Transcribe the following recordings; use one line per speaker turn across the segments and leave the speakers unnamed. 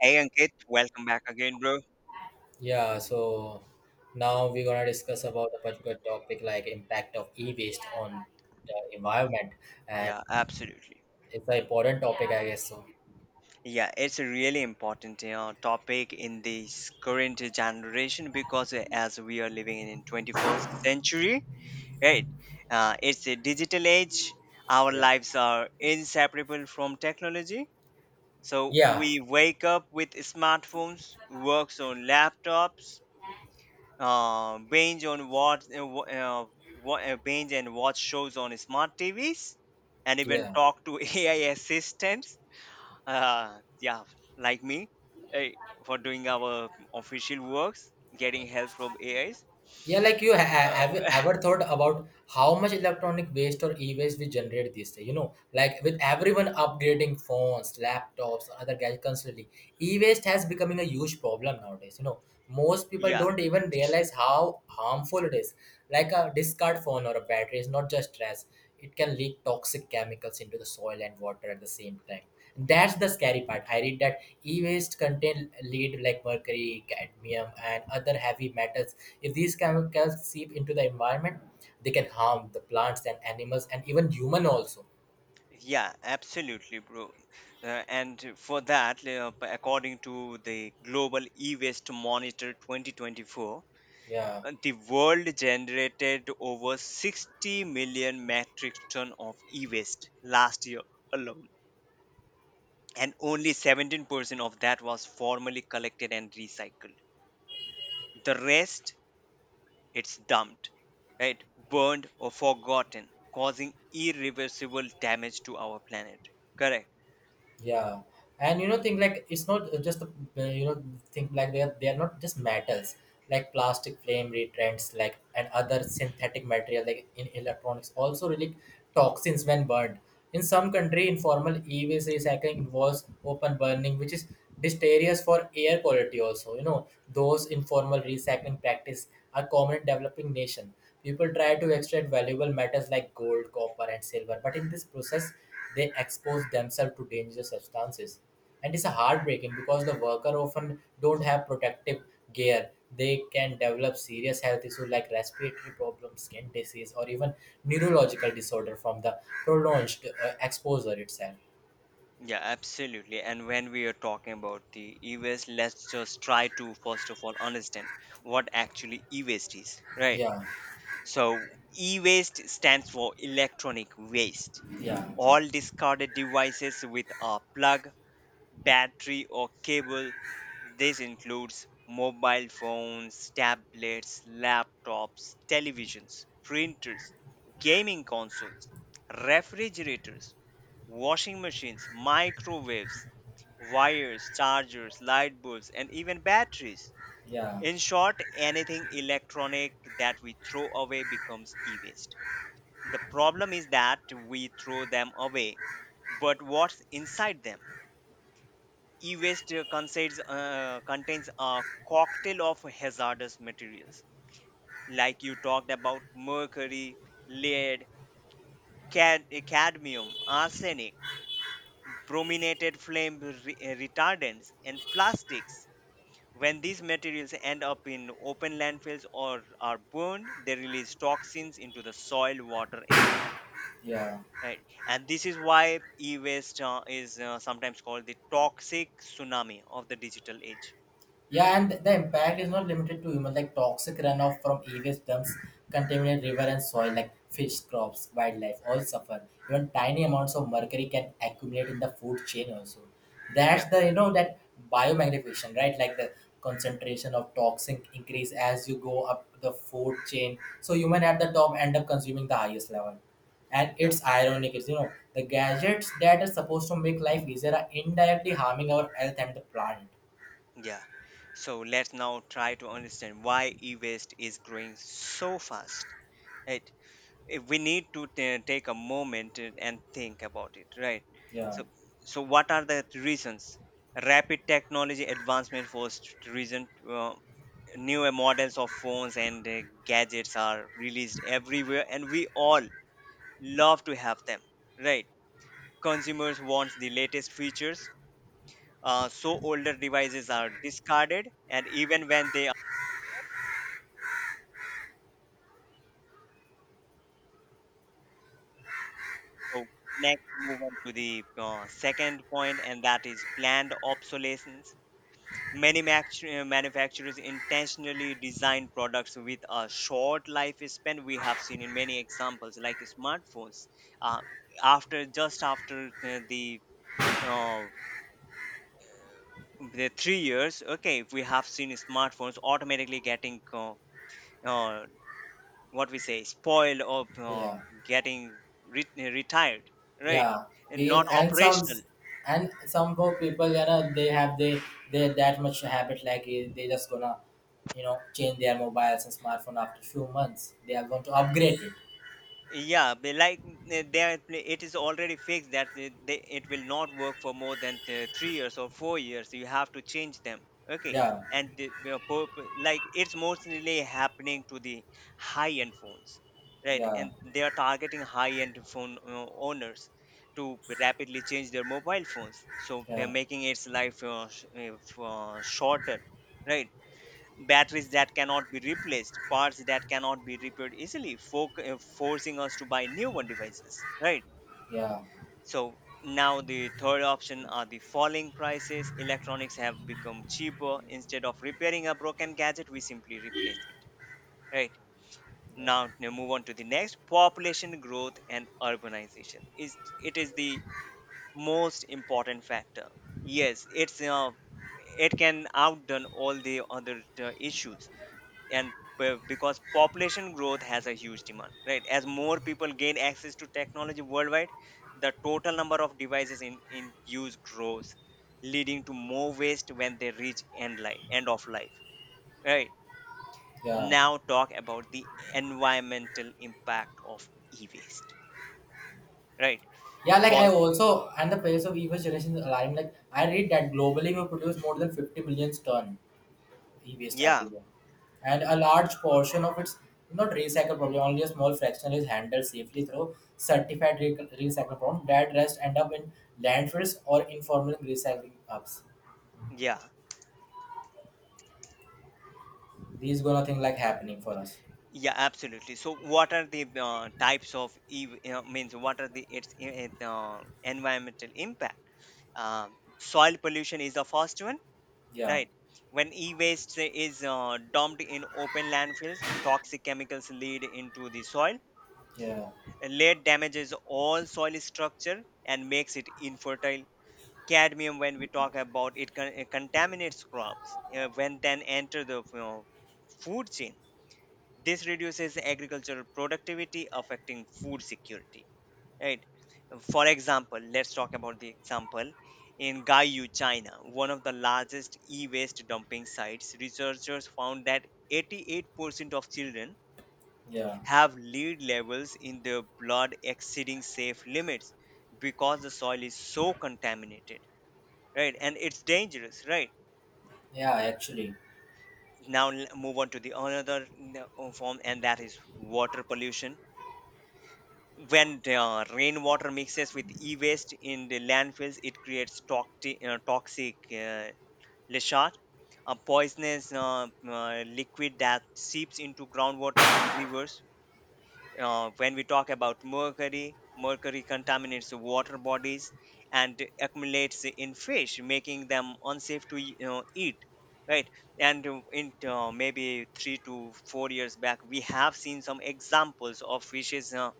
Hey Ankit, welcome back again, bro.
Yeah, so now we're gonna discuss about a particular topic like impact of e-waste on the environment, and
Yeah, absolutely.
it's an important topic, I guess. So
Yeah, it's a really important topic in this current generation because as we are living in 21st century, right? It's a digital age. Our
yeah,
lives are inseparable from technology. So
yeah,
we wake up with smartphones, works on laptops, binge on what wh- wha- binge and watch shows on smart TVs, and even
yeah.
talk to AI assistants. Yeah, like me, eh, for doing our official works, getting help from AIs.
Yeah, like have you
Uh,
ever thought about how much electronic waste or e-waste we generate these days? You know, like with everyone upgrading phones, laptops, or other gadgets constantly, e-waste has becoming a huge problem nowadays. You know, most people
yeah,
don't even realize how harmful it is. Like a discard phone or a battery is not just trash; it can leak toxic chemicals into the soil and water at the same time. That's the scary part. I read that e-waste contain lead like mercury, cadmium, and other heavy metals. If these chemicals seep into the environment, they can harm the plants and animals and even human also.
yeah, absolutely, bro. And for that, according to the Global E-Waste Monitor 2024,
Yeah.
The world generated over 60 million metric ton of e-waste last year alone, and only 17% of that was formally collected and recycled. The rest, it's dumped, right? Burned or forgotten, causing irreversible damage to our planet. Correct.
Yeah, and you know, think like it's not just the you know think like they are not just metals like plastic, flame retardants, like and other synthetic material like in electronics also really toxins when burned. In some country, informal e-waste recycling involves open burning, which is deleterious for air quality. Also, you know, those informal recycling practice are common in developing nation. People try to extract valuable metals like gold, copper, and silver, but in this process they expose themselves to dangerous substances, and it's a heartbreaking because the worker often don't have protective gear. They can develop serious health issues like respiratory problems, skin disease, or even neurological disorder from the prolonged exposure itself.
Yeah, absolutely. And when we are talking about the e-waste, let's just try to first of all understand what actually e-waste is, right?
Yeah,
So, e waste stands for electronic waste.
yeah,
All discarded devices with a plug, battery, or cable. This includes mobile phones, tablets, laptops, televisions, printers, gaming consoles, refrigerators, washing machines, microwaves, wires, chargers, light bulbs, and even batteries.
yeah,
In short, anything electronic that we throw away becomes e waste. The problem is that we throw them away, but what's inside them? E waste consists contains a cocktail of hazardous materials, like you talked about mercury, lead, cadmium, arsenic, brominated flame retardants, and plastics. When these materials end up in open landfills or are burned, they release toxins into the soil, water, and air.
yeah, yeah.
Right? And this is why e waste is sometimes called the toxic tsunami of the digital age.
Yeah, and the impact is not limited to human. Like toxic runoff from various dumps contaminate river and soil, like fish, crops, wildlife, all suffer. Even tiny amounts of mercury can accumulate in the food chain also. That's
Yep.
the you know that biomagnification, right? Like the concentration of toxin increase as you go up the food chain. So human at the top end up consuming the highest level. And
Yeah,
it's ironic, it's, you know, the gadgets that are supposed to make life easier are indirectly harming our health and the planet.
yeah. So let's now try to understand why e waste is growing so fast. Right. We need to ta take a moment and think about it, right?
Yeah.
So, so what are the reasons? Rapid technology advancement forced reason. uh, Newer models of phones and gadgets are released everywhere and we all love to have them, right? Consumers want the latest features, so older devices are discarded and even when they are. So next we move on to the second point, and that is planned obsolescence. Manufacturers intentionally design products with a short lifespan. We have seen in many examples, like smartphones. Uh, after just after uh, the 3 years, okay, we have seen smartphones automatically getting uh, what we say spoiled or
Yeah,
getting retired, right?
yeah.
And
We
not operational.
and some poor people, you know, they have they that much habit like they just gonna, you know, change their mobiles and smartphone after few months. They are going to upgrade it.
Yeah, they like it is already fixed that it will not work for more than 3 years or 4 years. You have to change them. Okay,
Yeah,
and like it's mostly happening to the high-end phones, right?
yeah,
And they are targeting high-end phone owners to rapidly change their mobile phones. So they're
yeah,
making its life shorter, right? Batteries that cannot be replaced, parts that cannot be repaired easily, forcing us to buy new one devices, right?
yeah,
So now the third option are the falling prices. Electronics have become cheaper. Instead of repairing a broken gadget, we simply replace it, right?
yeah,
Now move on to the next. Population growth and urbanization, is it is the most important factor. Yes, it's it can outdone all the other issues, and because population growth has a huge demand, right? As more people gain access to technology worldwide, the total number of devices in use grows, leading to more waste when they reach end life, end of life, right?
yeah.
Now talk about the environmental impact of e-waste, right?
Yeah, like I
First,
also and the pace of evil generation is alarming. Like I read that globally we produce more than 50 million ton e-waste
yeah,
everywhere, and a large portion of its not recycled problem. Only a small fraction is handled safely through certified recycle problem. That rest end up in landfills or informal recycling hubs.
yeah,
These gonna thing like happening for us.
yeah, absolutely. So what are the types of e, means what are the its environmental impact? Soil pollution is the first one,
Yeah,
right? When e-waste is dumped in open landfills, toxic chemicals lead into the soil.
yeah,
Lead damages all soil structure and makes it infertile. Cadmium, when we talk about it, it contaminates crops when then enter the food chain. This reduces agricultural productivity, affecting food security, right? For example, let's talk about the example. In Gaiyu, China, one of the largest e-waste dumping sites, researchers found that 88% of children
yeah,
have lead levels in their blood exceeding safe limits because the soil is so contaminated, right? And it's dangerous, right?
yeah, actually,
Now move on to the another form, and that is water pollution. When the rainwater mixes with e-waste in the landfills, it creates toxic leachate, a poisonous liquid that seeps into groundwater and rivers. When we talk about mercury contaminates the water bodies and accumulates in fish, making them unsafe to eat, right? And in maybe 3 to 4 years back, we have seen some examples of fishes Uh,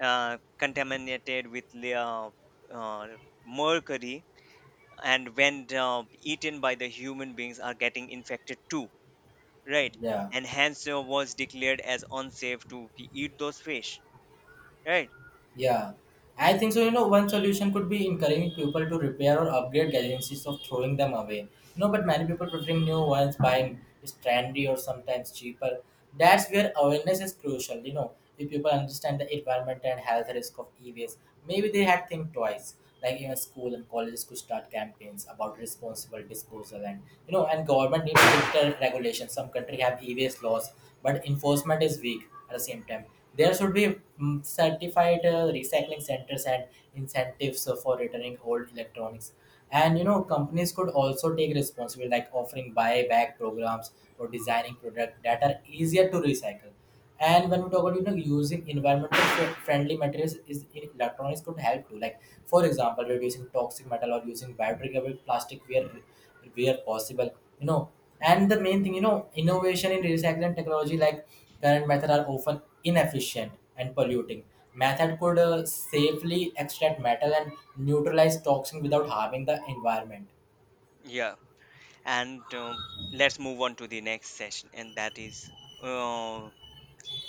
uh, contaminated with uh, mercury, and when eaten by the human beings are getting infected too, right?
yeah.
And hence was declared as unsafe to eat those fish, right?
Yeah, I think so. You know, one solution could be encouraging people to repair or upgrade gadgets instead of throwing them away. No, but many people preferring new ones, buying is trendy or sometimes cheaper. That's where awareness is crucial. You know, if people understand the environment and health risk of e-waste, maybe they had think twice. Like, you know, school and colleges could start campaigns about responsible disposal, and, you know, and government needs stricter regulations. Some country have e-waste laws, but enforcement is weak. At the same time, there should be certified recycling centers and incentives for returning old electronics. And you know, companies could also take responsibility like offering buyback programs or designing products that are easier to recycle. And when we talk about, you know, using environmental friendly materials is in electronics could help too. Like for example, reducing toxic metal or using biodegradable plastic where possible, you know. And the main thing, you know, innovation in recycling technology, like current method are often inefficient and polluting, method could safely extract metal and neutralize toxin without harming the environment.
Yeah, and let's move on to the next session, and that is, uh,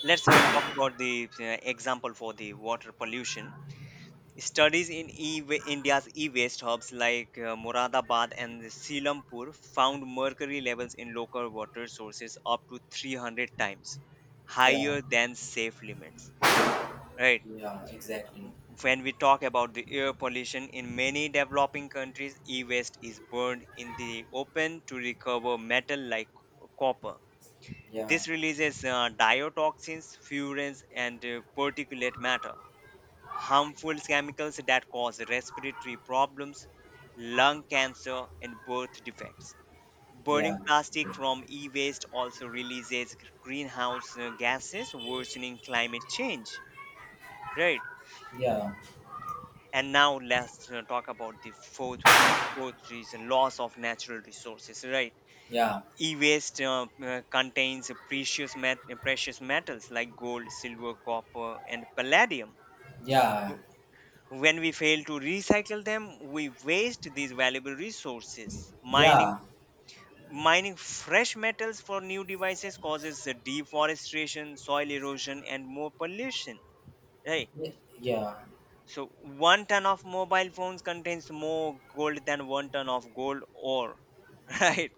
let's talk about the example for the water pollution. Studies in India's e-waste hubs like Moradabad and Selampur found mercury levels in local water sources up to 300 times
Yeah,
higher than safe limits. Right.
yeah, exactly,
When we talk about the air pollution, in many developing countries, e-waste is burned in the open to recover metal like copper.
yeah,
This releases diotoxins, furans, and particulate matter, harmful chemicals that cause respiratory problems, lung cancer, and birth defects.
yeah,
Burning plastic from e waste also releases greenhouse gases, worsening climate change. Right.
yeah,
And now let's talk about the fourth reason, loss of natural resources. Right.
yeah,
E waste contains precious metals like gold, silver, copper, and palladium.
yeah,
When we fail to recycle them, we waste these valuable resources.
yeah,
Mining fresh metals for new devices causes the deforestation, soil erosion and more pollution. Right.
yeah, yeah.
So one ton of mobile phones contains more gold than one ton of gold ore. Right.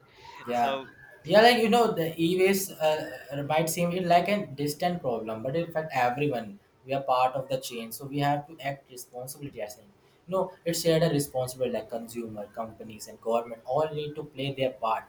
Yeah,
So,
yeah, like you know, the e-waste might seem it like a distant problem, but in fact, everyone, we are part of the chain, so we have to act responsibility as in. No, it's shared a responsibility like consumer, companies, and government all need to play their part.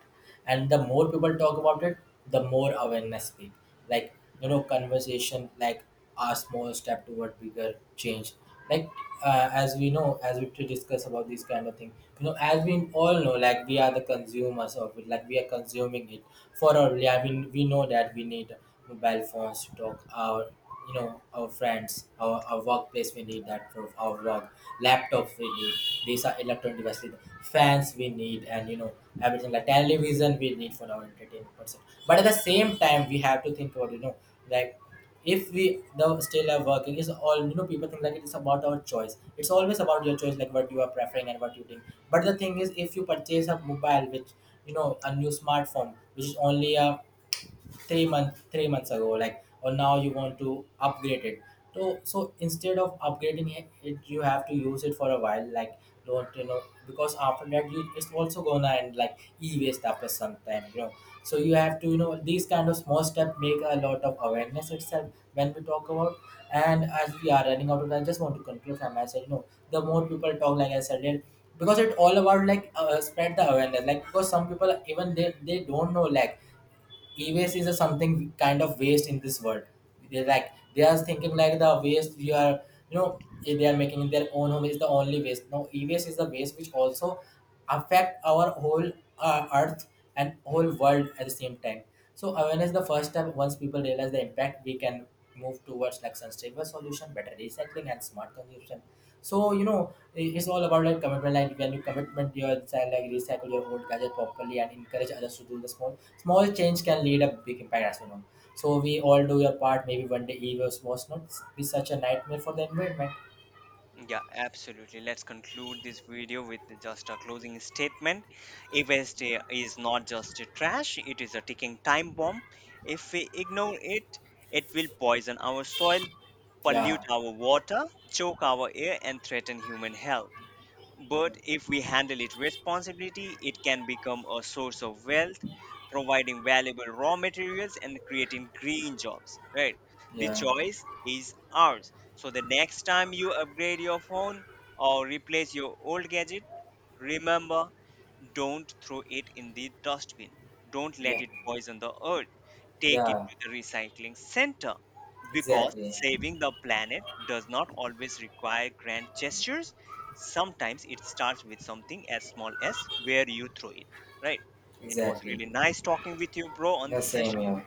And the more people talk about it, the more awareness speak. Like, you know, conversation like a small step toward bigger change. Like, as we know, as we to discuss about this kind of thing, you know, as we all know, like we are the consumers of it, like we are consuming it for our, yeah, we know that we need mobile phones to talk our, you know, our friends, our workplace. We need that for our work. Laptops we need. These are electronic devices. Fans we need, and you know, everything like television we need for our entertainment person. But at the same time, we have to think about, you know, like if we the still are working is all, you know, people think like it's about our choice. It's always about your choice, like what you are preferring and what you think. But the thing is if you purchase a mobile, which, you know, a new smartphone which is only a three months ago, like, or now you want to upgrade it. So so instead of upgrading it, it you have to use it for a while like, don't, you know, because after that you it's also gonna end like e-waste after some time, you know. So you have to, you know, these kind of small steps make a lot of awareness itself. When we talk about, and as we are running out of time, I just want to conclude from my side, you know, the more people talk, like I said it, because it's all about like, spread the awareness, like because some people even they don't know like e-waste is a something kind of waste in this world. They like they are thinking like the waste we are, you know, they are making in their own home is the only waste. No, e-waste is the waste which also affect our whole earth and whole world at the same time. So awareness is the first step. Once people realize the impact, we can move towards like sustainable solution, better recycling, and smart consumption. So you know, it's all about like commitment. Like when you commitment yourself, like recycle your old gadget properly and encourage others to do the small. Small change can lead a big impact, as you know. So we all do your part. Maybe one day EVs was not be such a nightmare for the environment.
yeah, absolutely. Let's conclude this video with just a closing statement. E waste is not just a trash, it is a ticking time bomb. If we ignore it, it will poison our soil,
Yeah,
pollute our water, choke our air, and threaten human health. But if we handle it responsibly, it can become a source of wealth, providing valuable raw materials and creating green jobs, right? The
yeah,
choice is ours. So the next time you upgrade your phone or replace your old gadget, remember, don't throw it in the dustbin. Don't let
yeah,
it poison the earth. Take it
yeah.
to the recycling center. Because
Exactly,
saving the planet does not always require grand gestures. Sometimes it starts with something as small as where you throw it. Right? It was
exactly.
really nice talking with you, bro, on
The
this
same
session.
here.